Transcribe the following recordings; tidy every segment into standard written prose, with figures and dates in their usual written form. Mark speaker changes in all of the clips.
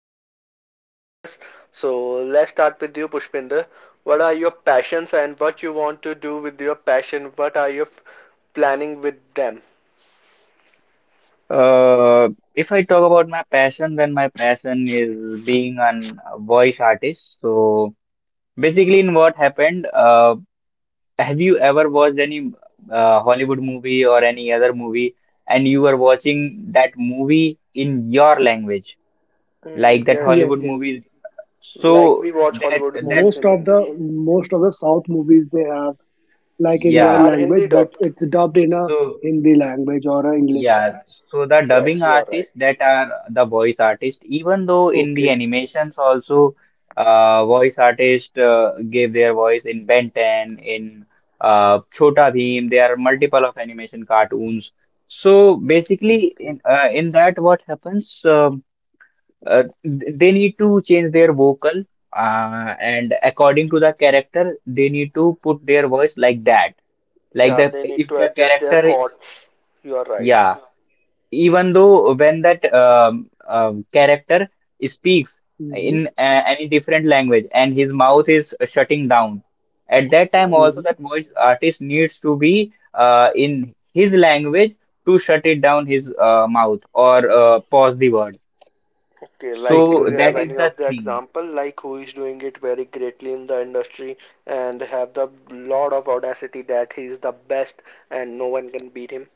Speaker 1: life after years. So, let's start with you, Pushpinder. What are your passions and what you want to do with your passion? What are you planning with them?
Speaker 2: Uh, if I talk about my passion, then my passion is being an a voice artist. So basically, have you ever watched any Hollywood movie or any other movie, and you were watching that movie in your language, like
Speaker 1: Mm,
Speaker 2: that
Speaker 1: yes,
Speaker 2: Hollywood
Speaker 3: Yes, yes.
Speaker 2: movie?
Speaker 1: like
Speaker 2: So
Speaker 1: we watch
Speaker 2: that
Speaker 1: Hollywood
Speaker 2: that,
Speaker 1: movies
Speaker 3: Most
Speaker 1: in
Speaker 3: of
Speaker 1: Hindi.
Speaker 3: the most of the South movies they have, like, in
Speaker 1: Yeah,
Speaker 3: their
Speaker 2: yeah.
Speaker 1: are
Speaker 3: language,
Speaker 1: Hindi
Speaker 3: but
Speaker 1: dubbed.
Speaker 3: it's dubbed in a
Speaker 2: So
Speaker 3: Hindi language or a English.
Speaker 2: Yeah, so the dubbing
Speaker 1: Yes, you are right.
Speaker 2: artists that are the voice artist, even though in the
Speaker 3: Okay,
Speaker 2: animations also voice artists gave their voice in Ben 10, in Chhota Bheem, there are multiple of animation cartoons. So basically, in
Speaker 3: okay.
Speaker 2: uh, in that what happens, they need to change their vocal and according to the character, they need to put their voice like that. Like
Speaker 1: Yeah,
Speaker 2: the
Speaker 1: they need
Speaker 2: if
Speaker 1: to
Speaker 2: the
Speaker 1: adjust their
Speaker 2: character,
Speaker 1: chords. You are right.
Speaker 2: yeah. Even though when that character speaks in
Speaker 3: Mm-hmm,
Speaker 2: any different language and his mouth is shutting down, at that time
Speaker 1: Hmm.
Speaker 2: also
Speaker 3: mm-hmm.
Speaker 2: that voice artist needs to be in his language to shut it down his mouth or pause the word.
Speaker 1: Okay, like,
Speaker 3: Okay,
Speaker 1: do
Speaker 2: So
Speaker 1: you have
Speaker 2: that
Speaker 3: okay.
Speaker 2: is
Speaker 1: any
Speaker 2: the
Speaker 1: of the
Speaker 2: thing.
Speaker 1: example, like who is doing it very greatly in the industry and have the lot of audacity that he is the best and no one can beat him?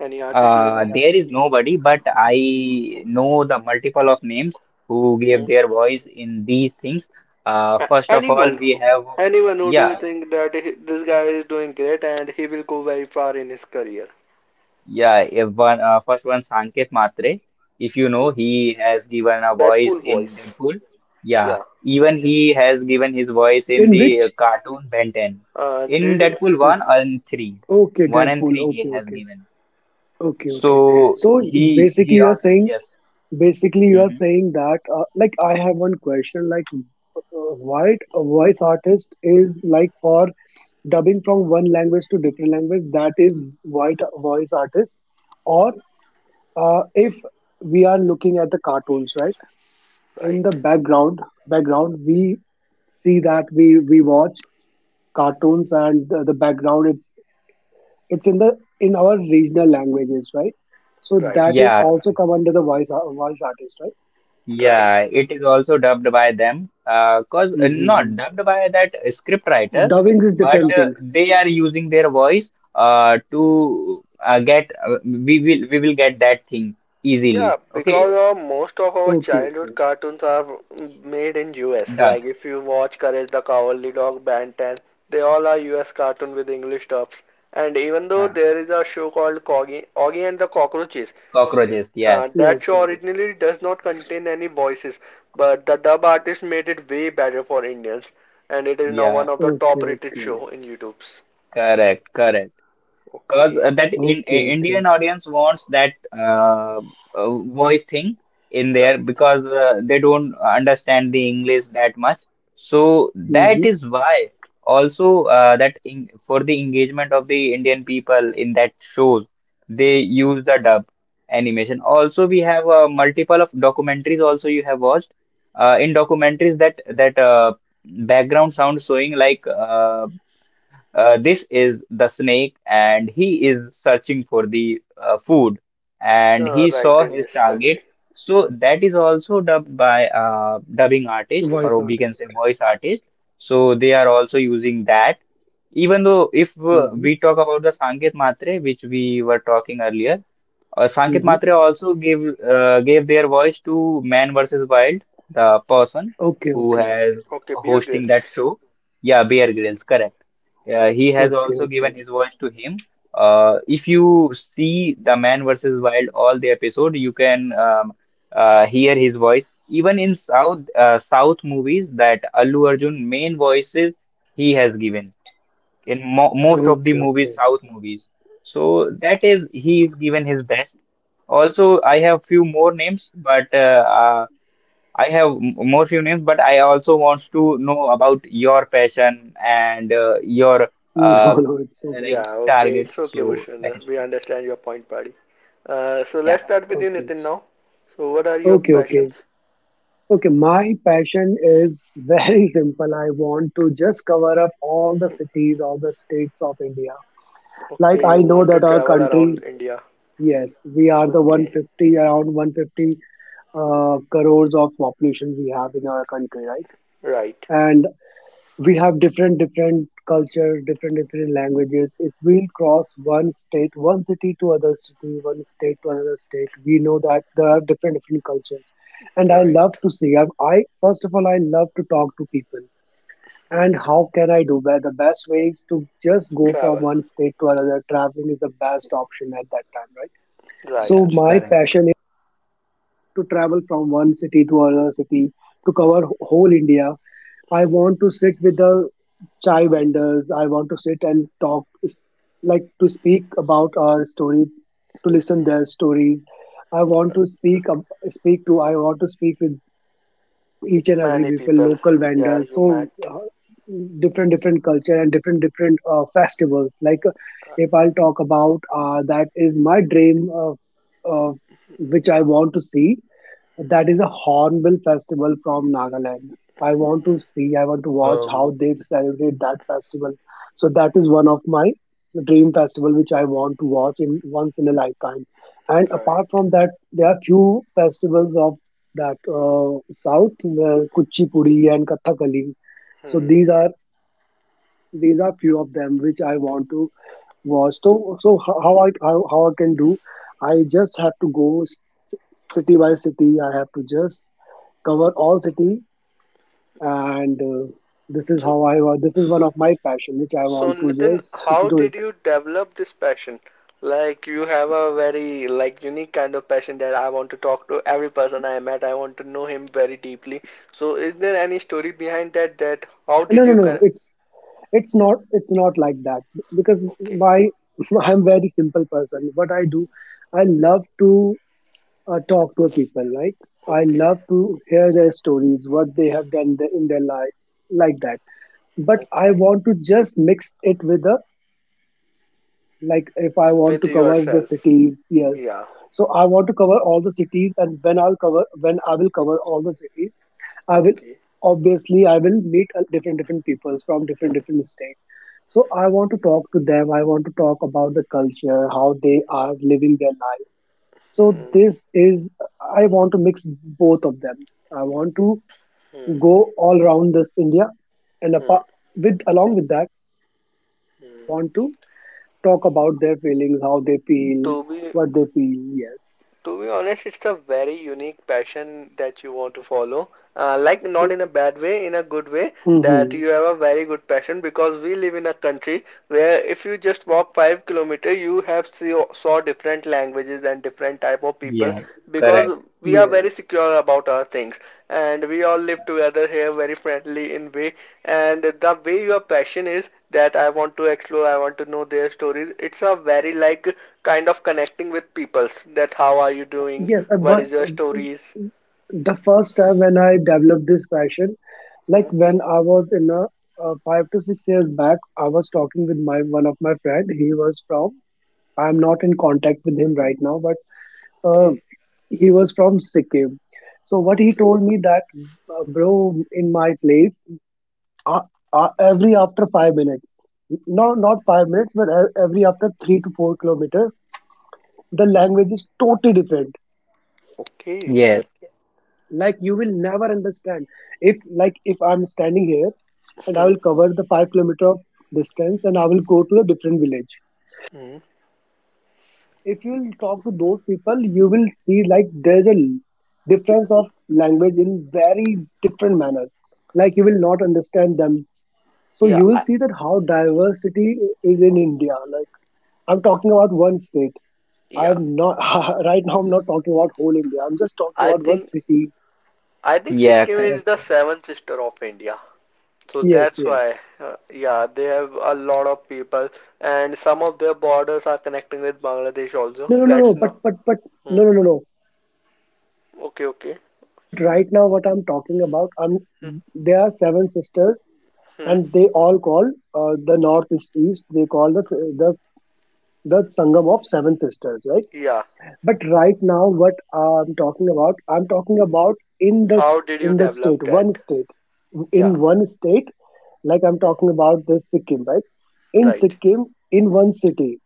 Speaker 1: Any artist do you know?
Speaker 2: There is nobody, but I know the multiple of names who gave
Speaker 1: Hmm.
Speaker 2: their voice in these things. First of all,
Speaker 1: Anyone,
Speaker 2: we have,
Speaker 1: anyone who do you
Speaker 2: yeah.
Speaker 1: think that he, this guy is doing great and he will go very far in his career?
Speaker 2: Yeah, if one first one Sanket Matre. If you know,
Speaker 1: Okay,
Speaker 2: he has given a voice
Speaker 1: Deadpool
Speaker 2: in
Speaker 1: voice.
Speaker 2: Deadpool. Yeah,
Speaker 1: Yeah.
Speaker 2: even he has given his voice in
Speaker 3: In
Speaker 2: the
Speaker 3: which?
Speaker 2: cartoon Ben 10. In
Speaker 1: Did you?
Speaker 2: Deadpool 1
Speaker 3: Okay,
Speaker 2: and 3.
Speaker 3: okay,
Speaker 2: 1 and
Speaker 3: Deadpool.
Speaker 2: 3
Speaker 3: Okay,
Speaker 2: he has
Speaker 3: okay,
Speaker 2: given.
Speaker 3: okay, okay.
Speaker 1: Okay.
Speaker 2: So
Speaker 3: So,
Speaker 2: he
Speaker 3: basically,
Speaker 2: he
Speaker 3: you are
Speaker 2: al-
Speaker 3: saying
Speaker 2: yes.
Speaker 3: basically you are
Speaker 2: Hmm.
Speaker 3: saying that, like, I have one question, like, why voice artist is like for dubbing from one language to different language, that is white voice artist, or if we are looking at the cartoons, right? In the
Speaker 1: Right.
Speaker 3: background we see that we watch cartoons, and the background, it's in the in our regional languages, right? So
Speaker 1: Right.
Speaker 3: that is
Speaker 2: Yeah,
Speaker 3: also come under the voice artist, right?
Speaker 1: Right.
Speaker 2: yeah, it is also dubbed by them, cause
Speaker 3: Mm-hmm.
Speaker 2: not dubbed by that script writers,
Speaker 3: Dubbing is
Speaker 2: but
Speaker 3: different thing.
Speaker 2: they are using their voice to get we will get that thing
Speaker 1: Yeah,
Speaker 2: easily. Okay,
Speaker 1: because of most of our
Speaker 3: Okay,
Speaker 1: childhood
Speaker 3: okay,
Speaker 1: cartoons are made in US. Like
Speaker 2: dubbed.
Speaker 1: if you watch Courage the Cowardly Dog, Ben 10, they all are US cartoon with English dubs. And even though
Speaker 2: Uh,
Speaker 1: there is a show called Corgi, Augie and the Cockroaches,
Speaker 2: Cockroaches. Yes.
Speaker 3: yes,
Speaker 1: that show
Speaker 3: yes,
Speaker 1: originally does not contain any voices, but the dub artist made it way better for Indians, and it is now
Speaker 2: Yeah.
Speaker 1: one of the top
Speaker 3: okay,
Speaker 1: rated
Speaker 3: okay,
Speaker 1: show in YouTube's.
Speaker 2: Correct. Correct. Because
Speaker 1: Okay,
Speaker 2: that
Speaker 3: okay, okay.
Speaker 2: Indian audience wants that uh, voice thing in there
Speaker 1: right.
Speaker 2: because they don't understand the English that much. So that
Speaker 3: Mm-hmm.
Speaker 2: is why also, for the engagement of the Indian people in that shows, they use the dub animation. Also, we have multiple of documentaries also you have watched. In documentaries that that background sound showing like this is the snake, and he is searching for the food, and he
Speaker 1: Right
Speaker 2: saw
Speaker 1: in
Speaker 2: his target.
Speaker 1: Discovery.
Speaker 2: So that is also dubbed by dubbing artist,
Speaker 3: Voice
Speaker 2: or we can
Speaker 3: artist.
Speaker 2: say voice artist. So they are also using that. Even though if
Speaker 3: Mhm,
Speaker 2: we talk about the Sanket Matre, which we were talking earlier, Sankit
Speaker 3: mhm.
Speaker 2: Matre also gave their voice to Man vs. Wild, the person
Speaker 3: Okay,
Speaker 2: who
Speaker 3: okay,
Speaker 2: has
Speaker 1: Okay, Beer
Speaker 2: hosting that
Speaker 1: Grylls.
Speaker 2: show. Yeah, Bear Grylls, correct.
Speaker 1: Hmm.
Speaker 2: He has
Speaker 3: okay,
Speaker 2: also
Speaker 3: okay,
Speaker 2: given his voice to him. If you see the Man vs. Wild all the episode, you can hear his voice. Even in South South movies, that Allu Arjun main voices he has given in mo most of the
Speaker 3: okay,
Speaker 2: movies,
Speaker 3: okay.
Speaker 2: South movies. So that is he is given his best. Also, I have few more names, but I have more few names, but I also wants to know about your passion and your uh,
Speaker 3: No, no, it's
Speaker 2: like
Speaker 3: okay,
Speaker 1: Yeah, okay,
Speaker 2: target.
Speaker 1: it's okay,
Speaker 2: So that
Speaker 1: Bhushanda.
Speaker 2: is
Speaker 1: We
Speaker 2: fine.
Speaker 1: understand your point, buddy. So, let's
Speaker 2: Yeah,
Speaker 1: start with you,
Speaker 3: okay,
Speaker 1: Nitin, now. So, what are your
Speaker 3: okay, okay,
Speaker 1: passions?
Speaker 3: okay. My passion is very simple. I want to just cover up all the cities, all the states of India. Like
Speaker 1: Okay,
Speaker 3: I
Speaker 1: you
Speaker 3: know
Speaker 1: want to
Speaker 3: that our
Speaker 1: travel around
Speaker 3: country,
Speaker 1: India.
Speaker 3: yes, we are the
Speaker 1: Okay,
Speaker 3: 150, around 150, crores of population we have in our country,
Speaker 1: right,
Speaker 3: right? And we have different different culture, different different languages. If we'll cross one state, one city to other city, one state to another state, we know that there are different different culture. And I love
Speaker 1: right.
Speaker 3: to see, I, first of all, I love to talk to people. And
Speaker 1: Hmm.
Speaker 3: how can I do that? The best way is to just go from
Speaker 1: Travel,
Speaker 3: one state to another. Traveling is the best option at that time, right?
Speaker 2: yeah,
Speaker 3: So
Speaker 1: right.
Speaker 3: my
Speaker 2: correct.
Speaker 3: passion is to travel from one city to another city, to cover whole India. I want to sit with the chai vendors. I want to sit and talk, like, to speak about our story, to listen
Speaker 1: Hmm.
Speaker 3: their stories. I want to speak to. I want to speak with each and every
Speaker 1: Many
Speaker 3: people,
Speaker 1: people,
Speaker 3: local
Speaker 1: yeah,
Speaker 3: vendors.
Speaker 1: you
Speaker 3: So
Speaker 1: met.
Speaker 3: uh, different, different culture and different, different festivals. Like, if I'll talk about, that is my dream of, uh, which I want to see. That
Speaker 1: Hmm.
Speaker 3: is a Hornbill Festival from Nagaland. I want to see, I want to watch
Speaker 2: Um,
Speaker 3: how they celebrate that festival. So that is
Speaker 1: Hmm,
Speaker 3: one of my dream festival which I want to watch, in once in a lifetime. And
Speaker 1: right.
Speaker 3: apart from that, there are few festivals of that South, Kuchipudi and Kathakali. So
Speaker 1: Hmm.
Speaker 3: these are few of them which I want to. Was so so how I can do. I just have to go s- city by city. I have to just cover all city. And this is how
Speaker 1: So,
Speaker 3: I wa- this is one of my passion which I want to
Speaker 1: Nitin,
Speaker 3: just
Speaker 1: how
Speaker 3: do it.
Speaker 1: did you develop this passion? Like you have a very like unique kind of passion that I want to talk to every person I met. I want to know him very deeply. So is there any story behind that, that how
Speaker 3: No,
Speaker 1: did
Speaker 3: no,
Speaker 1: you
Speaker 3: no, no.
Speaker 1: kind.
Speaker 3: It's not like that because
Speaker 1: Okay,
Speaker 3: my I'm very simple person. What I do, I love to talk to people, right? I
Speaker 1: okay,
Speaker 3: love to hear their stories, what they have done in their life, like that. But I
Speaker 1: okay.
Speaker 3: want to just mix it with the, like, if I want
Speaker 1: With
Speaker 3: to cover the
Speaker 1: yourself.
Speaker 3: cities, yes.
Speaker 1: Yeah.
Speaker 3: So I want to cover all the cities, and when I will cover all the cities, I will
Speaker 1: Okay.
Speaker 3: obviously I will meet different different peoples from different
Speaker 1: Hmm.
Speaker 3: different states. So I want to talk to them. I want to talk about the culture, how they are living their life. So
Speaker 1: Hmm.
Speaker 3: this is I want to mix both of them. I want to
Speaker 1: Hmm.
Speaker 3: go all around this India, and
Speaker 1: Hmm.
Speaker 3: apart with along with that, I
Speaker 1: Hmm.
Speaker 3: want to talk about their feelings, how they feel,
Speaker 1: To be
Speaker 3: what they feel. Yes.
Speaker 1: To be honest, it's a very unique passion that you want to follow. Like, not in a bad way, in a good way, that
Speaker 3: Hmm.
Speaker 1: you have a very good passion, because we live in a country where if you just walk 5 kilometer, you have see saw different languages and different type of people,
Speaker 2: yeah, correct.
Speaker 1: because we are
Speaker 3: Yes.
Speaker 1: very secure about our things, and we all live together here very friendly in way. And the way your passion is that I want to explore, I want to know their stories. It's a very like kind of connecting with people's, that how are you doing,
Speaker 3: Yes. uh,
Speaker 1: what
Speaker 3: But
Speaker 1: is your
Speaker 3: uh,
Speaker 1: stories.
Speaker 3: the first time when I developed this passion, like
Speaker 1: Hmm.
Speaker 3: when I was in a, 5 to 6 years back, I was talking with my one of my friend. He was from. I'm not in contact with him right now, but uh,
Speaker 1: Okay.
Speaker 3: he was from Sikkim. So what he
Speaker 1: Okay.
Speaker 3: told me that, bro, in my place, uh, every after 5 minutes, no, not 5 minutes, but every after 3 to 4 kilometers, the language is totally different.
Speaker 1: Okay.
Speaker 2: Yes,
Speaker 3: Like you will never understand. If, like, if I'm standing here and I
Speaker 1: Hmm.
Speaker 3: will cover the 5 kilometer of distance and I will go to a different village,
Speaker 1: Hmm.
Speaker 3: if you'll talk to those people, you will see, like, there's a difference of language in very different manner, like, you will not understand them. So
Speaker 1: Yeah.
Speaker 3: you will see that how diversity is in India. Like, I'm talking about one state.
Speaker 1: Yeah.
Speaker 3: I'm not right now. I'm not talking about whole India. I'm just talking
Speaker 1: I
Speaker 3: about one
Speaker 1: think
Speaker 3: city.
Speaker 1: I think
Speaker 2: yeah,
Speaker 1: Sikkim is
Speaker 2: correct.
Speaker 1: the seventh sister of India. So
Speaker 3: Yes,
Speaker 1: that's
Speaker 3: yes.
Speaker 1: why, yeah, they have a lot of people, and some of their borders are connecting with Bangladesh also.
Speaker 3: No, no, no, no.
Speaker 1: Let's know.
Speaker 3: But
Speaker 1: Hmm.
Speaker 3: no, no, no, no.
Speaker 1: Okay, okay.
Speaker 3: But right now, what I'm talking about, I'm
Speaker 1: Hmm.
Speaker 3: there are seven sisters,
Speaker 1: Hmm.
Speaker 3: and they all call, the north is east. They call the s- the Sangam of seven sisters, right?
Speaker 1: Yeah,
Speaker 3: But right now, what I'm talking about in
Speaker 1: how did you
Speaker 3: in the
Speaker 1: develop
Speaker 3: state,
Speaker 1: that?
Speaker 3: one state,
Speaker 1: Yeah,
Speaker 3: in one state. Like, I'm
Speaker 1: hmm,
Speaker 3: talking about this Sikkim, right? In
Speaker 1: right.
Speaker 3: Sikkim, in one city,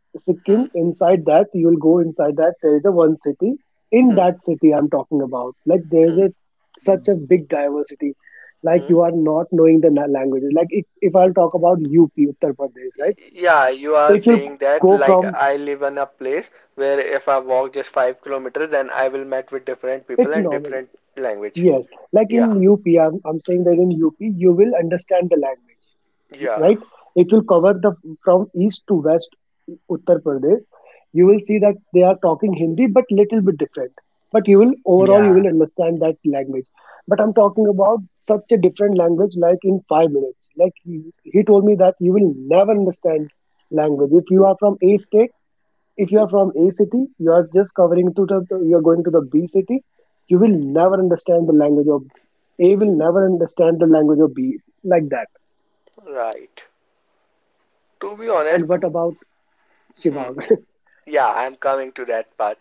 Speaker 1: Hmm.
Speaker 3: Sikkim. Inside that, you'll go inside that. There is a one city. In
Speaker 1: Hmm.
Speaker 3: that city, I'm talking about. Like there is
Speaker 1: Hmm.
Speaker 3: a such a
Speaker 2: Mm,
Speaker 3: big diversity. Like
Speaker 1: Hmm.
Speaker 3: you are not knowing the languages. Like, if I'll talk about UP, Uttar Pradesh, right?
Speaker 1: Yeah, you are
Speaker 3: If you
Speaker 1: saying that
Speaker 3: go
Speaker 1: like
Speaker 3: from,
Speaker 1: I live in a place where if I walk just 5 kilometers, then I will met with different people
Speaker 3: it's
Speaker 1: and
Speaker 3: normal.
Speaker 1: different language.
Speaker 3: Yes, like
Speaker 1: Yeah,
Speaker 3: in UP, I'm saying that in UP, you will understand the language,
Speaker 1: yeah,
Speaker 3: right? It will cover the from east to west Uttar Pradesh. You will see that they are talking Hindi, but little bit different. But you will overall you will
Speaker 2: Yeah,
Speaker 3: understand that language. But I'm talking about such a different language, like in 5 minutes. Like he told me that you will never understand language if you are from A state. If you are from a city, you are just covering to the, you are going to the B city. You will never understand the language of A, will never understand the language of B, like that.
Speaker 1: right. To be
Speaker 3: And
Speaker 1: honest,
Speaker 3: what about
Speaker 1: hmm,
Speaker 3: Shivang?
Speaker 1: yeah, I'm coming to that part.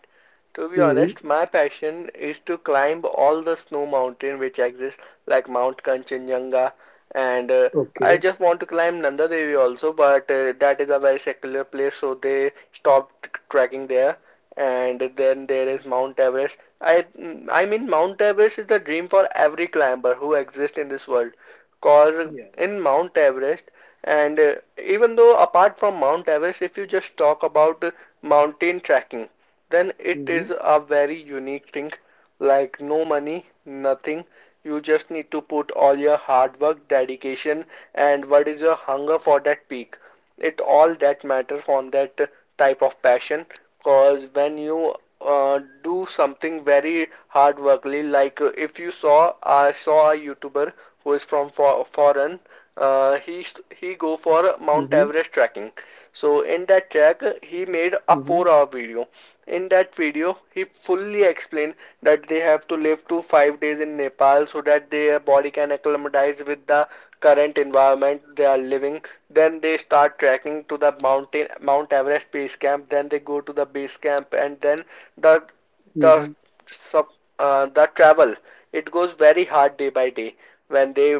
Speaker 1: To be
Speaker 3: Hmm.
Speaker 1: honest, my passion is to climb all the snow mountain which exist, like Mount Kanchenjunga, and I
Speaker 3: Okay.
Speaker 1: just want to climb Nanda Devi also, but that is a very secular place, so they stopped trekking there. And then there is
Speaker 3: Mhm.
Speaker 1: Mount Everest. I mean Mount Everest is the dream for every climber who exists in this world. Cause in
Speaker 3: Yeah.
Speaker 1: Mount Everest, and even though apart from Mount Everest, if you just talk about mountain trekking, then it is a
Speaker 3: Hmm,
Speaker 1: very unique thing. Like no money, nothing. You just need to put all your hard work, dedication, and what is your hunger for that peak. It all that matters on that type of passion. Cause when you do something very hard workly, like if you saw, I saw a YouTuber who is from for
Speaker 3: hmm,
Speaker 1: foreign.
Speaker 3: hmm,
Speaker 1: uh, he he go for Mount Everest trekking. So in that track, he made a 4-hour video. In that video, he fully explained that they have to live to 5 days in Nepal so that their body can acclimatize with the current environment they are living. Then they start trekking to the mountain Mount Everest base camp. Then they go to the base camp, and then
Speaker 3: hmm,
Speaker 1: the the sub the travel, it goes very hard day by day,
Speaker 3: hmm,
Speaker 1: when
Speaker 3: hmm,
Speaker 1: they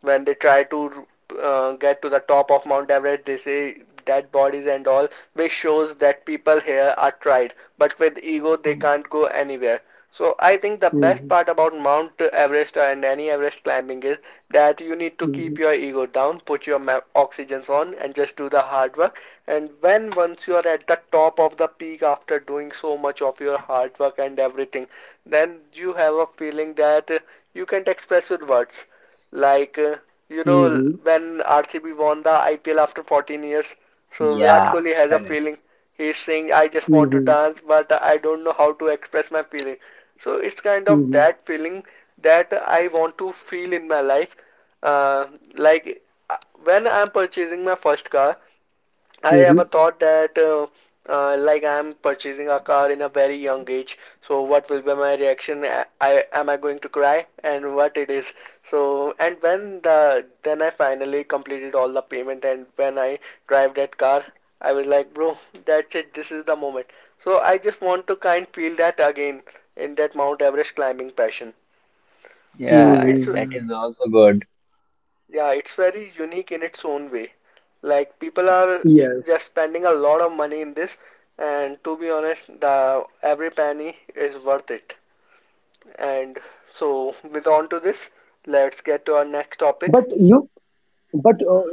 Speaker 1: when they try to get to the top of Mount Everest, they say dead bodies and all, which shows that people here are tried, but with ego they can't go anywhere. So I
Speaker 3: hmm,
Speaker 1: think the best part about Mount Everest, and any Everest climbing, is that you
Speaker 3: hmm,
Speaker 1: need to keep your ego down, put your oxygens on, and just do the hard work. And when once you are at the top of the peak after doing so much of your hard work and everything, then you have a feeling that you can't express with words, like,
Speaker 3: hmm,
Speaker 1: when RCB won the IPL after 14 years, so Virat
Speaker 2: yeah,
Speaker 1: Kohli has a
Speaker 2: correct.
Speaker 1: feeling. He's saying, I just want to dance, but I don't know how to express my feeling. So it's kind of that feeling that I want to feel in my life. Uh, like, uh, when I'm purchasing my first car, I
Speaker 3: hmm,
Speaker 1: ever thought that like I'm purchasing a car in a very young age. So what will be my reaction? I am I going to cry? And what it is? So and when then I finally completed all the payment and when I drive that car, I was like, bro, that's it. This is the moment. So I just want to kind of feel that again in that Mount Everest climbing passion.
Speaker 3: hmm,
Speaker 1: So
Speaker 3: hmm.
Speaker 2: Yeah,
Speaker 1: it's
Speaker 2: that is also good.
Speaker 1: Yeah, it's very unique in its own way. Like people
Speaker 3: Yes.
Speaker 1: are just spending a lot of money in this, and to be honest, the every penny is worth it. And so, with on to this, let's get to our
Speaker 3: but
Speaker 1: next
Speaker 3: you
Speaker 1: topic.
Speaker 3: But uh,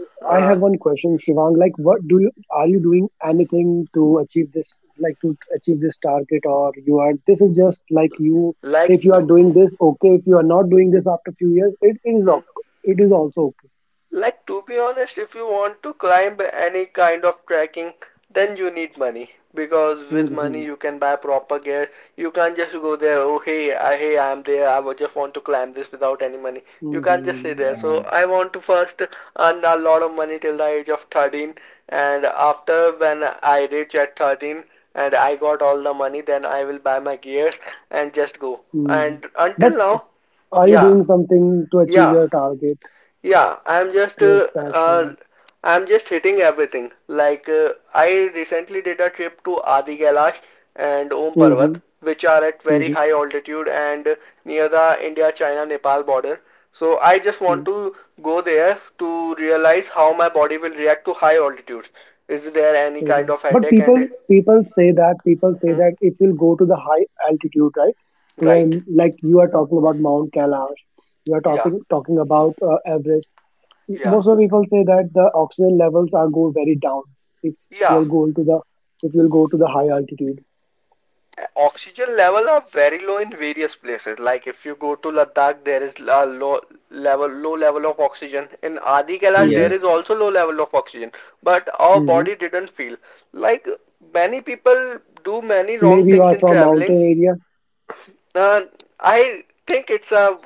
Speaker 3: I have one
Speaker 1: Uh,
Speaker 3: question, Shivang. Like, what do you are you doing anything to achieve this? Like to achieve this target, or you are this is just like you.
Speaker 1: like
Speaker 3: If you are
Speaker 1: to,
Speaker 3: doing this, okay. If you are not doing this after few years, it is
Speaker 1: hmm?
Speaker 3: okay. It is also okay.
Speaker 1: Like, to be honest, if you want to climb any kind of trekking, then you need money because with
Speaker 3: Hmm,
Speaker 1: money you can buy proper gear. You can't just go there. Oh, hey, hey, I'm there. I would just want to climb this without any money. You can't just stay
Speaker 3: hmm,
Speaker 1: there. So
Speaker 2: Uh,
Speaker 1: I want to first earn a lot of money till the age of 13, and after when I reach at 13 and I got all the money, then I will buy my gears and just go.
Speaker 3: hmm.
Speaker 1: And
Speaker 3: But
Speaker 1: until now,
Speaker 3: are you
Speaker 1: yeah,
Speaker 3: doing something to achieve
Speaker 1: yeah.
Speaker 3: your target,
Speaker 1: Yeah,
Speaker 3: to your
Speaker 1: uh,
Speaker 3: passion?
Speaker 1: I'm just hitting everything. Like I recently did a trip to Adi Kailash and Om Parvat,
Speaker 3: Hmm.
Speaker 1: which are at very
Speaker 3: Mm-hmm.
Speaker 1: high altitude and near the India-China-Nepal border. So I just want to go there to realize how my body will react to high altitudes. Is there any
Speaker 3: Okay.
Speaker 1: kind of
Speaker 3: But
Speaker 1: headache
Speaker 3: people
Speaker 1: and
Speaker 3: people say that people say
Speaker 1: hmm,
Speaker 3: that if you'll go to the high altitude, right? To,
Speaker 1: right?
Speaker 3: like, you are talking about Mount Kailash, you are
Speaker 1: Yeah,
Speaker 3: talking about Everest.
Speaker 1: yeah,
Speaker 3: Most of the people say that the oxygen levels are go very down if
Speaker 1: yeah.
Speaker 3: you'll go to the, if you'll go to the high altitude.
Speaker 1: Oxygen level are very low in various places. Like if you go to Ladakh, there is a low level of oxygen. In Adi Kailash,
Speaker 3: Hmm,
Speaker 1: there
Speaker 2: yeah.
Speaker 1: is also low level of oxygen, but our
Speaker 3: hmm.
Speaker 1: body didn't feel. Like many people do many wrong
Speaker 3: Maybe you
Speaker 1: things
Speaker 3: are
Speaker 1: in
Speaker 3: from
Speaker 1: traveling.
Speaker 3: mountain area.
Speaker 1: uh, I think it's a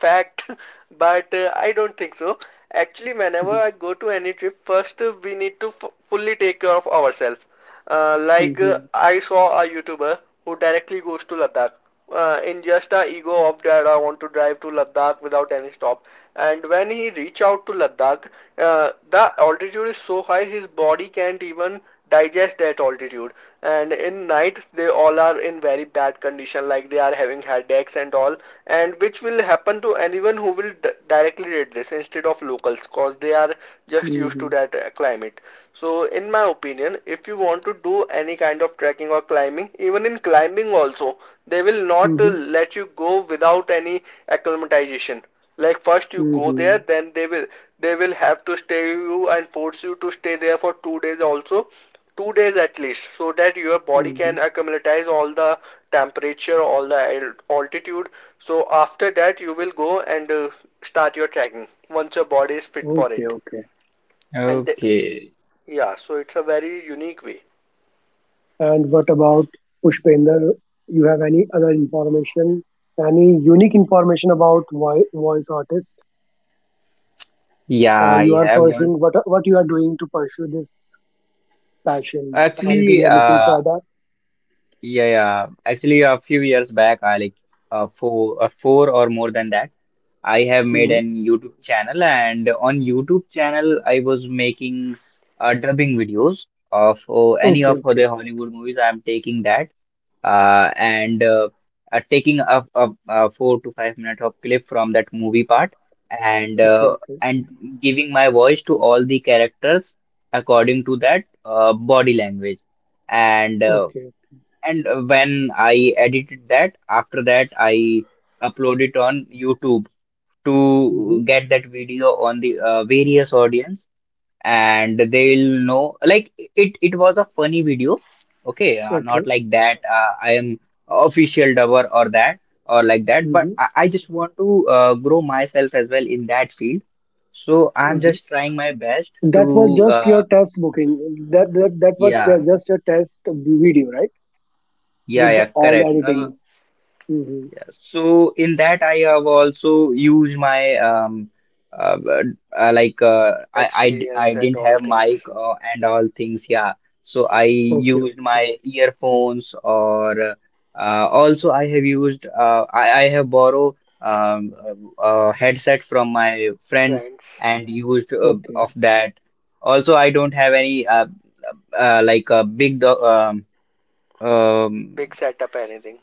Speaker 1: fact, but I don't think so. Actually, whenever
Speaker 3: Hmm,
Speaker 1: I go to any trip, first we need to f fully take care of ourselves. Like
Speaker 3: hmm,
Speaker 1: I saw a YouTuber who directly goes to Ladakh in just a ego of that I want to drive to Ladakh without any stop. And when he reach out to Ladakh, the altitude is so high his body can't even digest at altitude, and in night they all are in very bad condition, like they are having headaches and all, and which will happen to anyone who will directly read this instead of locals, cause they are just used to
Speaker 3: hmm,
Speaker 1: that climate. So in my opinion, if you want to do any kind of trekking or climbing, even in climbing also, they will not
Speaker 3: hmm,
Speaker 1: let you go without any acclimatization. Like first you go there,
Speaker 3: hmm,
Speaker 1: then they will have to stay you and force you to stay there for 2 days also, 2 days at least, so that your body
Speaker 3: hmm.
Speaker 1: can acclimatize all the temperature, all the altitude. So after that you will go and start your trekking once your body is fit for
Speaker 3: Okay,
Speaker 1: it.
Speaker 3: okay.
Speaker 1: And
Speaker 2: Okay.
Speaker 1: yeah, so it's a very unique way,
Speaker 3: And what about Pushpender? You have any other information, any unique information about voice artist,
Speaker 2: Yeah,
Speaker 3: or you
Speaker 2: I
Speaker 3: are
Speaker 2: have one.
Speaker 3: pursuing what you are doing to pursue this passion? Are you
Speaker 2: Actually,
Speaker 3: doing anything for that?
Speaker 2: yeah, yeah. Actually, a few years back, I like four or more than that. I have made
Speaker 3: Hmm.
Speaker 2: an YouTube channel, and on YouTube channel, I was making dubbing videos of any
Speaker 3: Okay,
Speaker 2: of the
Speaker 3: okay,
Speaker 2: Hollywood movies. I'm taking that, and taking a 4 to 5 minute of clip from that movie part, and
Speaker 3: okay, okay,
Speaker 2: and giving my voice to all the characters according to that body language. And
Speaker 3: okay.
Speaker 2: when I edited that, after that I upload it on YouTube
Speaker 3: Hmm.
Speaker 2: to get that video on the various audience, and they'll know like it was a funny video. Okay, not
Speaker 3: Okay.
Speaker 2: like that I am official dubber or that or like that, but
Speaker 3: Hmm,
Speaker 2: I just want to grow myself as well in that field. So I'm
Speaker 1: right?
Speaker 3: hmm.
Speaker 2: just trying my best
Speaker 3: That was
Speaker 2: to,
Speaker 3: just your test booking. That was
Speaker 2: yeah,
Speaker 3: just a test video, right?
Speaker 2: yeah,
Speaker 3: With
Speaker 2: yeah,
Speaker 3: all the
Speaker 2: correct.
Speaker 3: editings. Hmm.
Speaker 2: Yeah, so in that I have also used my uh, uh like
Speaker 1: Experience
Speaker 2: I
Speaker 1: and
Speaker 2: didn't
Speaker 1: all
Speaker 2: have
Speaker 1: things,
Speaker 2: mic and all things, yeah. So I
Speaker 1: hmm.
Speaker 3: Okay,
Speaker 2: used
Speaker 3: okay,
Speaker 2: my earphones, or also I have used, I have borrowed um a headset from my friends,
Speaker 1: Friends,
Speaker 2: and used
Speaker 3: okay,
Speaker 2: of that. Also, I don't have any like a big do, um um
Speaker 1: big setup, anything.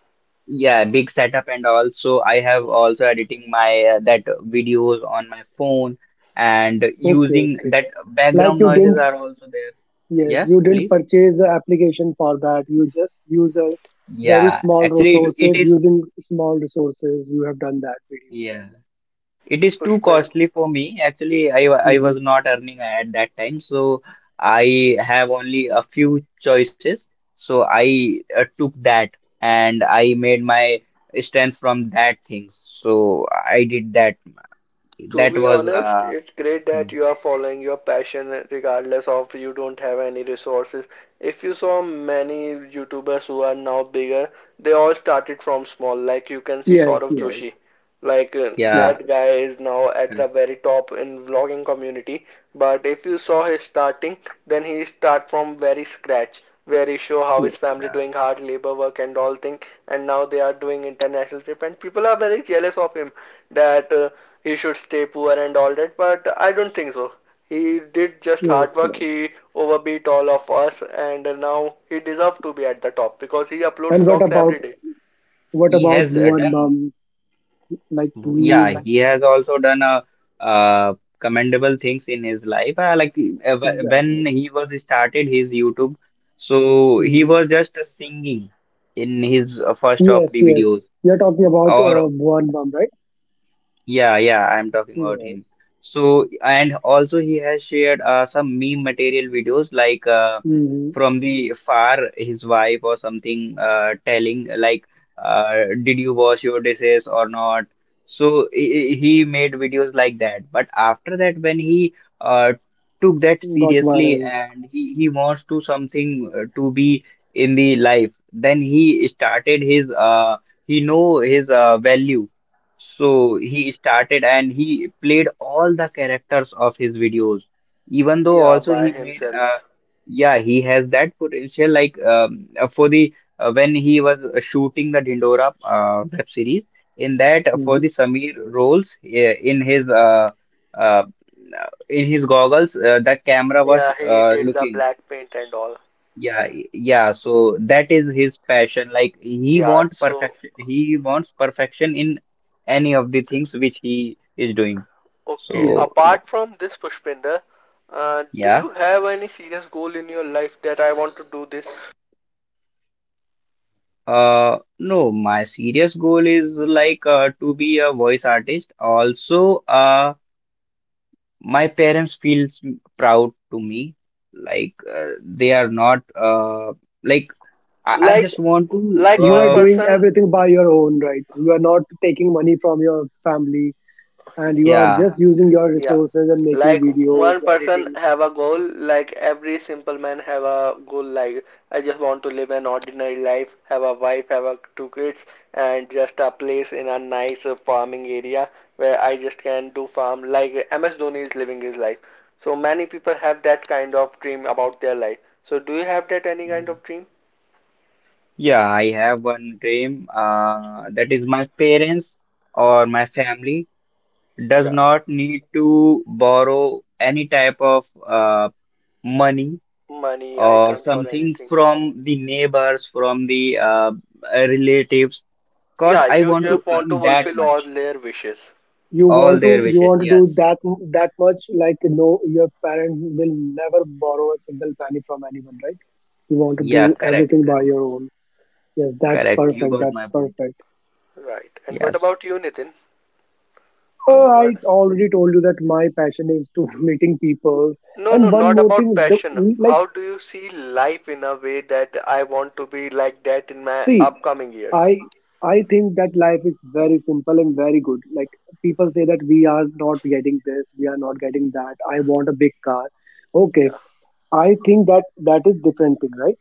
Speaker 2: yeah, big setup. And also, I have
Speaker 1: Hmm.
Speaker 2: also editing my that videos on my phone, and
Speaker 3: okay,
Speaker 2: using
Speaker 3: okay.
Speaker 2: that
Speaker 3: Like
Speaker 2: background
Speaker 3: you
Speaker 2: noises
Speaker 3: didn't.
Speaker 2: are also there.
Speaker 3: Yes,
Speaker 2: Yes,
Speaker 3: you didn't
Speaker 2: please.
Speaker 3: purchase the application for that. You just use a very
Speaker 2: Yeah,
Speaker 3: small
Speaker 2: actually, it
Speaker 3: resources,
Speaker 2: is,
Speaker 3: using small resources. You have done that
Speaker 2: yeah. It is too
Speaker 1: Pushpin,
Speaker 2: costly for me. Actually, I I
Speaker 3: video.
Speaker 2: was
Speaker 3: Hmm.
Speaker 2: not earning at that time, so I have only a few choices. So I took that, and I made my strength from that things. So I did that.
Speaker 1: to
Speaker 2: That
Speaker 1: be
Speaker 2: was
Speaker 1: honest, it's great that
Speaker 2: thing.
Speaker 1: you are following your passion regardless of you don't have any resources. If you saw many YouTubers who are now bigger, they all started from small. Like you can see
Speaker 3: Yes,
Speaker 1: Saurav
Speaker 3: yes,
Speaker 1: Joshi. Like
Speaker 2: Yeah,
Speaker 1: that guy
Speaker 3: yes,
Speaker 1: is now at the
Speaker 2: correct.
Speaker 1: very top in vlogging community. But if you saw his starting, then he start from very scratch, where he show how his
Speaker 3: yes,
Speaker 1: family
Speaker 2: Uh,
Speaker 1: doing hard labor work and all thing, and now they are doing international trip, and people are very jealous of him that he should stay poor and all that, but I don't think so. He did just
Speaker 3: yes,
Speaker 1: hard work.
Speaker 3: yes.
Speaker 1: He overbeat all of us, and now he deserves to be at the top because he uploads
Speaker 3: And
Speaker 1: vlogs every
Speaker 2: yeah.
Speaker 1: day.
Speaker 3: what
Speaker 2: He
Speaker 3: about
Speaker 2: has uh,
Speaker 3: Bhuvan
Speaker 2: done,
Speaker 3: Bam? Like he
Speaker 2: yeah,
Speaker 3: is,
Speaker 2: he has also done uh, commendable things in his life. Like
Speaker 3: exactly.
Speaker 2: when he was started his YouTube, so he
Speaker 3: Hmm.
Speaker 2: was just singing in his first of
Speaker 3: Yes,
Speaker 2: the
Speaker 3: yes.
Speaker 2: videos,
Speaker 3: You're talking about
Speaker 2: or
Speaker 3: Bhuvan Bam, right?
Speaker 2: Yeah, yeah, I'm talking about
Speaker 3: Yes.
Speaker 2: him. So, and also he has shared some meme material videos like
Speaker 3: Hmm.
Speaker 2: from the far, his wife or something telling like, did you wash your dishes or not? So he made videos like that. But after that, when he uh, took that
Speaker 3: Got
Speaker 2: seriously,
Speaker 3: viral.
Speaker 2: and he wants to something to be in the life, then he started his, he know his value, so he started and he played all the characters of his videos. Even though
Speaker 1: Yeah,
Speaker 2: also
Speaker 1: by
Speaker 2: he made,
Speaker 1: himself.
Speaker 2: yeah, he has that potential, like for the, when he was shooting the Dindora web series, in that, for
Speaker 3: Hmm.
Speaker 2: the Samir roles, uh in his goggles, the camera was
Speaker 1: Yeah, he did the
Speaker 2: looking.
Speaker 1: black paint and all.
Speaker 2: Yeah, yeah. So that is his passion. Like he
Speaker 1: Yeah,
Speaker 2: want
Speaker 1: so
Speaker 2: perfection. He wants perfection in any of the things which he is doing.
Speaker 1: okay.
Speaker 3: Yes,
Speaker 2: So,
Speaker 3: yes.
Speaker 1: Apart from this, Pushpinder, do
Speaker 2: yeah.
Speaker 1: you have any serious goal in your life that I want to do this?
Speaker 2: No, my serious goal is like to be a voice artist. Also, my parents feels proud to me. Like they are not like, I just
Speaker 1: Like,
Speaker 2: want to,
Speaker 1: like
Speaker 3: You are
Speaker 1: one
Speaker 3: doing
Speaker 1: person.
Speaker 3: everything by your own, right? You are not taking money from your family, and you are
Speaker 2: yeah.
Speaker 3: just using your
Speaker 1: Yeah.
Speaker 3: resources and making
Speaker 1: Like
Speaker 3: videos
Speaker 1: one person
Speaker 3: editings.
Speaker 1: have a goal, like every simple man have a goal like I just want to live an ordinary life, have a wife, have a two kids and just a place in a nice farming area where I just can do farm like MS Dhoni is living his life. So many people have that kind of dream about their life. So do you have that any kind of dream?
Speaker 2: Yeah, I have one dream. That is my parents or my family does
Speaker 1: Yeah.
Speaker 2: not need to borrow any type of money
Speaker 1: Money,
Speaker 2: or
Speaker 1: items or
Speaker 2: something
Speaker 1: anything.
Speaker 2: from the neighbors, from the relatives, because
Speaker 1: Yeah,
Speaker 2: I
Speaker 1: you
Speaker 2: want to
Speaker 1: just
Speaker 3: Okay.
Speaker 1: want to
Speaker 2: earn that
Speaker 1: fulfill all
Speaker 2: much.
Speaker 1: their wishes.
Speaker 3: you
Speaker 2: All
Speaker 3: want to
Speaker 2: their
Speaker 3: you
Speaker 2: wishes.
Speaker 3: want to do
Speaker 2: Yes.
Speaker 3: that, that much, like, no, your parent will never borrow a single penny from anyone, right? You want to do
Speaker 2: Yeah, correct.
Speaker 3: everything by
Speaker 2: Correct.
Speaker 3: your own. Yes, that's
Speaker 2: Correct. You
Speaker 3: perfect,
Speaker 2: got
Speaker 3: that's
Speaker 2: my point.
Speaker 3: perfect.
Speaker 1: Right. And what
Speaker 2: Yes.
Speaker 1: about you, Nitin?
Speaker 3: Oh, I
Speaker 1: What?
Speaker 3: already told you that my passion is to meeting people.
Speaker 1: No,
Speaker 3: And
Speaker 1: no,
Speaker 3: one
Speaker 1: not
Speaker 3: more
Speaker 1: about
Speaker 3: thing,
Speaker 1: passion.
Speaker 3: like,
Speaker 1: How do you see life in a way that I want to be like that in my
Speaker 3: see,
Speaker 1: upcoming years?
Speaker 3: I I think that life is very simple and very good. Like people say that we are not getting this, we are not getting that. I want a big car. Okay,
Speaker 1: Yeah,
Speaker 3: I think that that is different thing, right?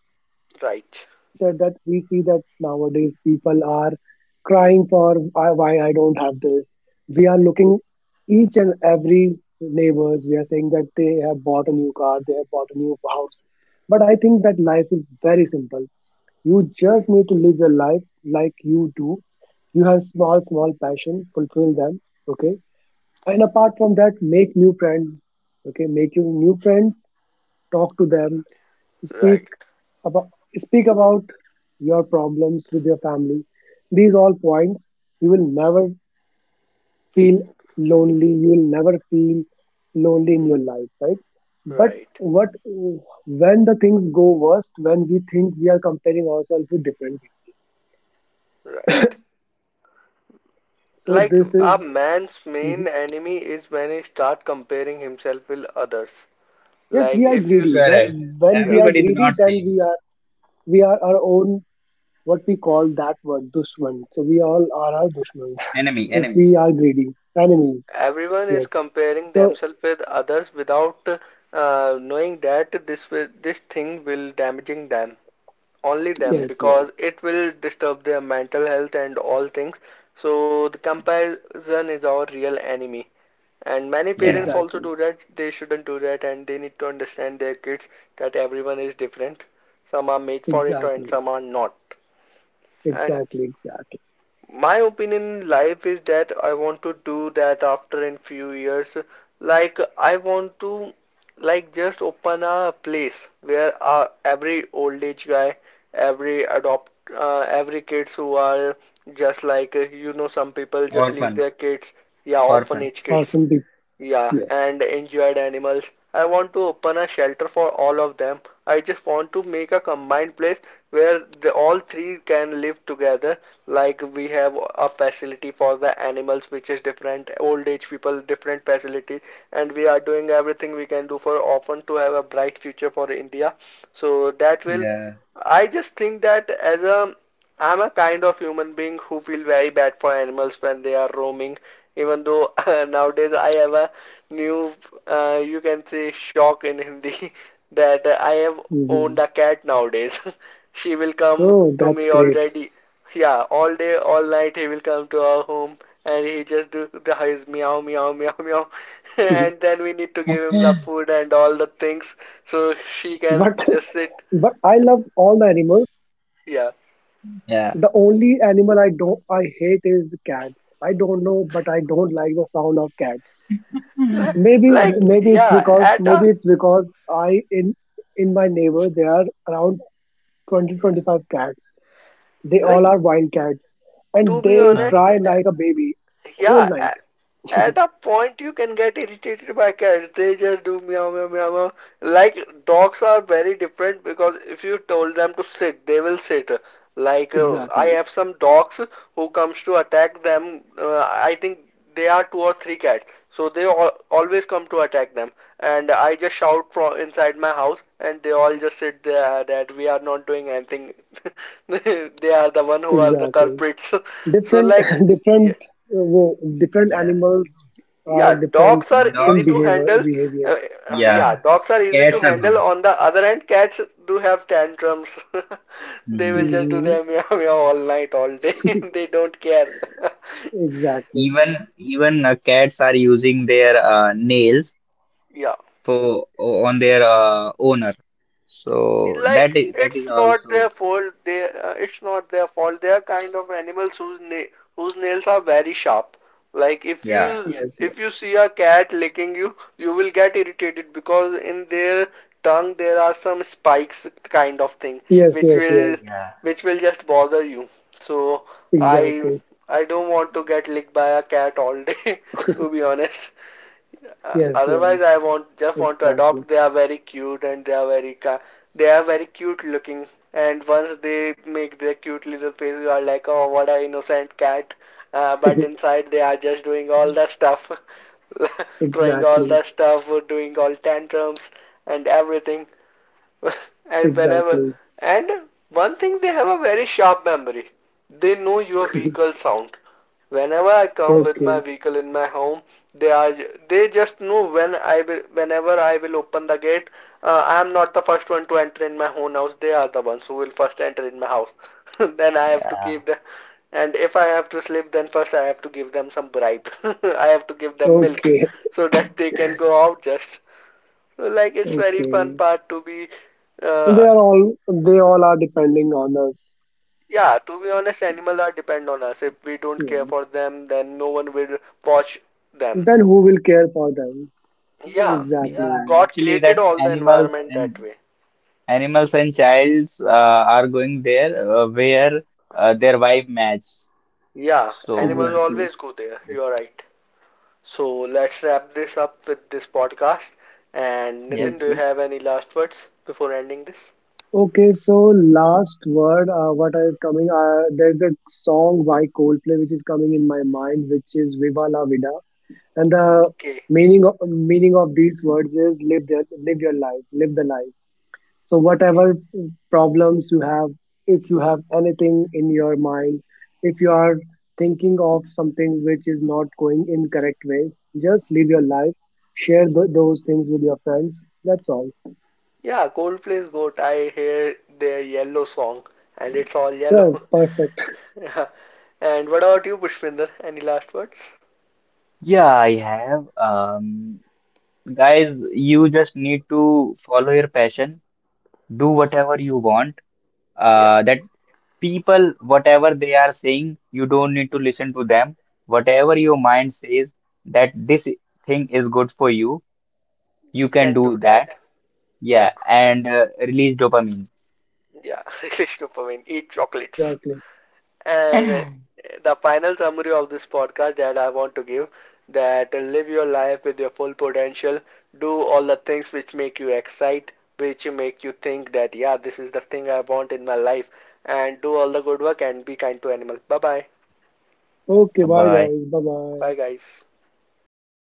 Speaker 1: right,
Speaker 3: We said that we see that nowadays people are crying for, "I- why I don't have this." We are looking each and every neighbors. We are saying that they have bought a new car, they have bought a new house. But I think that life is very simple. You just
Speaker 1: right,
Speaker 3: need to live your life like you do. You have small, small passion, fulfill them. Okay. And apart from that, make new friends. Okay. Make your new friends, talk to them, speak
Speaker 1: right,
Speaker 3: about speak about your problems with your family. These all points, you will never feel lonely. You will never feel lonely in your life, right? But
Speaker 1: right,
Speaker 3: what when the things go worst, when we think we are comparing ourselves with different people.
Speaker 1: right.
Speaker 3: So
Speaker 1: Like
Speaker 3: this
Speaker 1: a
Speaker 3: is
Speaker 1: man's main
Speaker 3: mhm.
Speaker 1: enemy is when he start comparing himself with others.
Speaker 3: Yes,
Speaker 1: Like
Speaker 3: we are
Speaker 1: if you,
Speaker 3: greedy.
Speaker 2: Correct.
Speaker 3: When we
Speaker 1: yeah,
Speaker 3: are
Speaker 2: Everybody's
Speaker 3: greedy,
Speaker 2: not
Speaker 3: then
Speaker 2: same.
Speaker 3: we are our own, what we call that word, dushman. So we all are our dushmans.
Speaker 2: Enemy,
Speaker 1: yeah.
Speaker 3: If
Speaker 2: enemy.
Speaker 3: we are greedy enemies.
Speaker 1: Everyone is
Speaker 3: Yes.
Speaker 1: comparing
Speaker 3: So,
Speaker 1: themselves with others without knowing that this thing will damaging them, only them
Speaker 3: yes,
Speaker 1: because
Speaker 3: yes,
Speaker 1: it will disturb their mental health and all things. So the comparison is our real enemy. And many parents
Speaker 2: Yeah.
Speaker 1: also
Speaker 3: exactly,
Speaker 1: do that. They shouldn't do that and they need to understand their kids that everyone is different. Some are made for it and
Speaker 3: exactly,
Speaker 1: some are not. And
Speaker 3: exactly, exactly.
Speaker 1: my opinion in life is that I want to do that after in few years. Like I want to like just open a place where every old age guy, every adopt, every kids who are just like you know some people just leave
Speaker 2: Orphan.
Speaker 1: their kids, yeah,
Speaker 2: Orphan.
Speaker 1: orphanage kids.
Speaker 3: Often be,
Speaker 1: Yeah,
Speaker 3: yes.
Speaker 1: and injured animals. I want to open a shelter for all of them. I just want to make a combined place where the, all three can live together. Like we have a facility for the animals, which is different, old age people, different facilities, and we are doing everything we can do for orphan to have a bright future for India. So that will.
Speaker 2: Yeah.
Speaker 1: I just think that as a I'm a kind of human being who feel very bad for animals when they are roaming even though nowadays I have a new, you can say, shock in Hindi that I have owned
Speaker 3: Hmm.
Speaker 1: a cat nowadays. She will come
Speaker 3: Oh,
Speaker 1: to
Speaker 3: that's
Speaker 1: me
Speaker 3: great.
Speaker 1: already. Yeah, all day, all night he will come to our home and he just do the his meow, meow, meow, meow. And then we need to give him the food and all the things so she can
Speaker 3: But,
Speaker 1: just sit.
Speaker 3: but I love all the animals.
Speaker 1: Yeah.
Speaker 2: Yeah.
Speaker 3: The only animal I don't, I hate, is the cats. I don't know, but I don't like the sound of cats. maybe
Speaker 1: Like,
Speaker 3: maybe it's
Speaker 1: yeah,
Speaker 3: because
Speaker 1: at
Speaker 3: maybe
Speaker 1: a
Speaker 3: it's because I, in my neighbor there are around twenty twenty five cats. They all
Speaker 1: like
Speaker 3: are wild cats,
Speaker 1: to
Speaker 3: and
Speaker 1: be
Speaker 3: they
Speaker 2: Uh,
Speaker 1: honest
Speaker 3: cry like a baby
Speaker 1: yeah
Speaker 3: whole night.
Speaker 1: at a point, you can get irritated by cats. They just do meow meow meow meow. Like dogs are very different because if you told them to sit, they will sit. Like I
Speaker 3: Exactly.
Speaker 1: have some dogs who comes to attack them. I think they are two or three cats, so they all, always come to attack them. And I just shout from inside my house, and they all just sit there that we are not doing anything. They are the one who are the
Speaker 3: exactly
Speaker 1: culprits. So
Speaker 3: different
Speaker 1: like,
Speaker 3: different
Speaker 1: yeah.
Speaker 3: different
Speaker 2: yeah.
Speaker 3: animals are
Speaker 1: Yeah,
Speaker 3: different
Speaker 1: dogs are
Speaker 2: Dog.
Speaker 3: in
Speaker 1: easy to
Speaker 3: behavior
Speaker 1: handle.
Speaker 3: behavior
Speaker 1: Uh,
Speaker 2: Yeah.
Speaker 1: yeah, dogs are easy to
Speaker 2: Cats are
Speaker 1: handle.
Speaker 2: not.
Speaker 1: On the other hand, cats do have tantrums. They will
Speaker 2: Hmm.
Speaker 1: just do
Speaker 3: Hmm.
Speaker 1: their meow meow all night, all day. They don't care.
Speaker 3: Exactly.
Speaker 2: Even cats are using their nails
Speaker 1: Yeah.
Speaker 2: for on their owner. So that
Speaker 1: Like
Speaker 2: is that is
Speaker 1: it's not their
Speaker 2: also,
Speaker 1: fault they it's not their fault they are kind of animals whose nails are very sharp. Like
Speaker 2: yeah,
Speaker 3: Yes, yes,
Speaker 1: if you see a cat licking you, you will get irritated because in their tongue there are some spikes kind of thing
Speaker 3: yes,
Speaker 1: which
Speaker 3: yes,
Speaker 1: will
Speaker 3: yes.
Speaker 2: yeah,
Speaker 1: which will just bother you. So i
Speaker 3: Exactly.
Speaker 1: I don't want to get licked by a cat all day to be honest.
Speaker 3: Yes,
Speaker 1: Otherwise,
Speaker 3: yes.
Speaker 1: I want just want to
Speaker 3: Exactly.
Speaker 1: adopt. They are very cute and they are very cute looking. And once they make their cute little face, you are like, oh, what a innocent cat. But inside, they are just doing all the stuff, throwing all
Speaker 3: Exactly,
Speaker 1: the stuff, doing all tantrums and everything. And whenever,
Speaker 3: exactly.
Speaker 1: and one thing, they have a very sharp memory. They know your vehicle sound. Whenever I come with my
Speaker 3: Okay,
Speaker 1: vehicle in my home, they are they just know when I will whenever I will open the gate, I am not the first one to enter in my own house. They are the ones who will first enter in my house. Then I have to
Speaker 2: yeah,
Speaker 1: keep the, and if I have to sleep, then first I have to give them some bribe. I have to give them milk
Speaker 3: okay,
Speaker 1: so that they can go out just. So, like it's very fun
Speaker 3: okay.
Speaker 1: part to be,
Speaker 3: They
Speaker 1: uh,
Speaker 3: are all they all are depending on us.
Speaker 1: yeah. To be honest, animals are depend on us. If we don't care for
Speaker 3: Yes.
Speaker 1: them, then no one will watch them.
Speaker 3: Then who will care for them?
Speaker 1: Yeah,
Speaker 2: yeah.
Speaker 3: Exactly,
Speaker 1: God
Speaker 2: Actually,
Speaker 1: created
Speaker 2: that
Speaker 1: all the
Speaker 2: animals
Speaker 1: environment
Speaker 2: and
Speaker 1: that way.
Speaker 2: childs are going there where their wife match.
Speaker 1: Yeah,
Speaker 2: So
Speaker 1: animals
Speaker 3: exactly.
Speaker 1: always go there. You are right. So let's wrap this up with this podcast. And
Speaker 2: yeah,
Speaker 1: Nitin, do you
Speaker 3: Okay,
Speaker 1: have any last words before ending this?
Speaker 3: okay. So, last word. What is coming? There's a song by Coldplay which is coming in my mind, which is "Viva La Vida," and the
Speaker 1: Okay,
Speaker 3: meaning of these words is live your life, live the life. So,
Speaker 1: okay.
Speaker 3: whatever problems you have, if you have anything in your mind, if you are thinking of something which is not going in correct way, just live your life, share those things with your friends. That's all.
Speaker 1: Yeah, Coldplay's GOAT. I hear their yellow song and it's all yellow.
Speaker 3: Yeah, perfect.
Speaker 1: Yeah. And what about you, Pushpinder? Any last words?
Speaker 2: yeah, I have, guys, you just need to follow your passion, do whatever you want.
Speaker 1: Yeah.
Speaker 2: That people, whatever they are saying, you don't need to listen to them. Whatever your mind says that this thing is good for you, you can
Speaker 1: Then
Speaker 2: do
Speaker 1: do that.
Speaker 2: that.
Speaker 1: Yeah.
Speaker 2: Yeah, and release dopamine.
Speaker 1: Yeah. Release dopamine. Eat chocolates.
Speaker 3: Exactly.
Speaker 1: And
Speaker 2: Bye.
Speaker 1: the final summary of this podcast that I want to give that live your life with your full potential. Do all the things which make you excite, which make you think that, yeah, this is the thing I want in my life. And do all the good work and be kind to animals. Bye bye.
Speaker 3: Okay, bye
Speaker 2: Bye.
Speaker 3: guys. Bye bye.
Speaker 1: Bye, guys.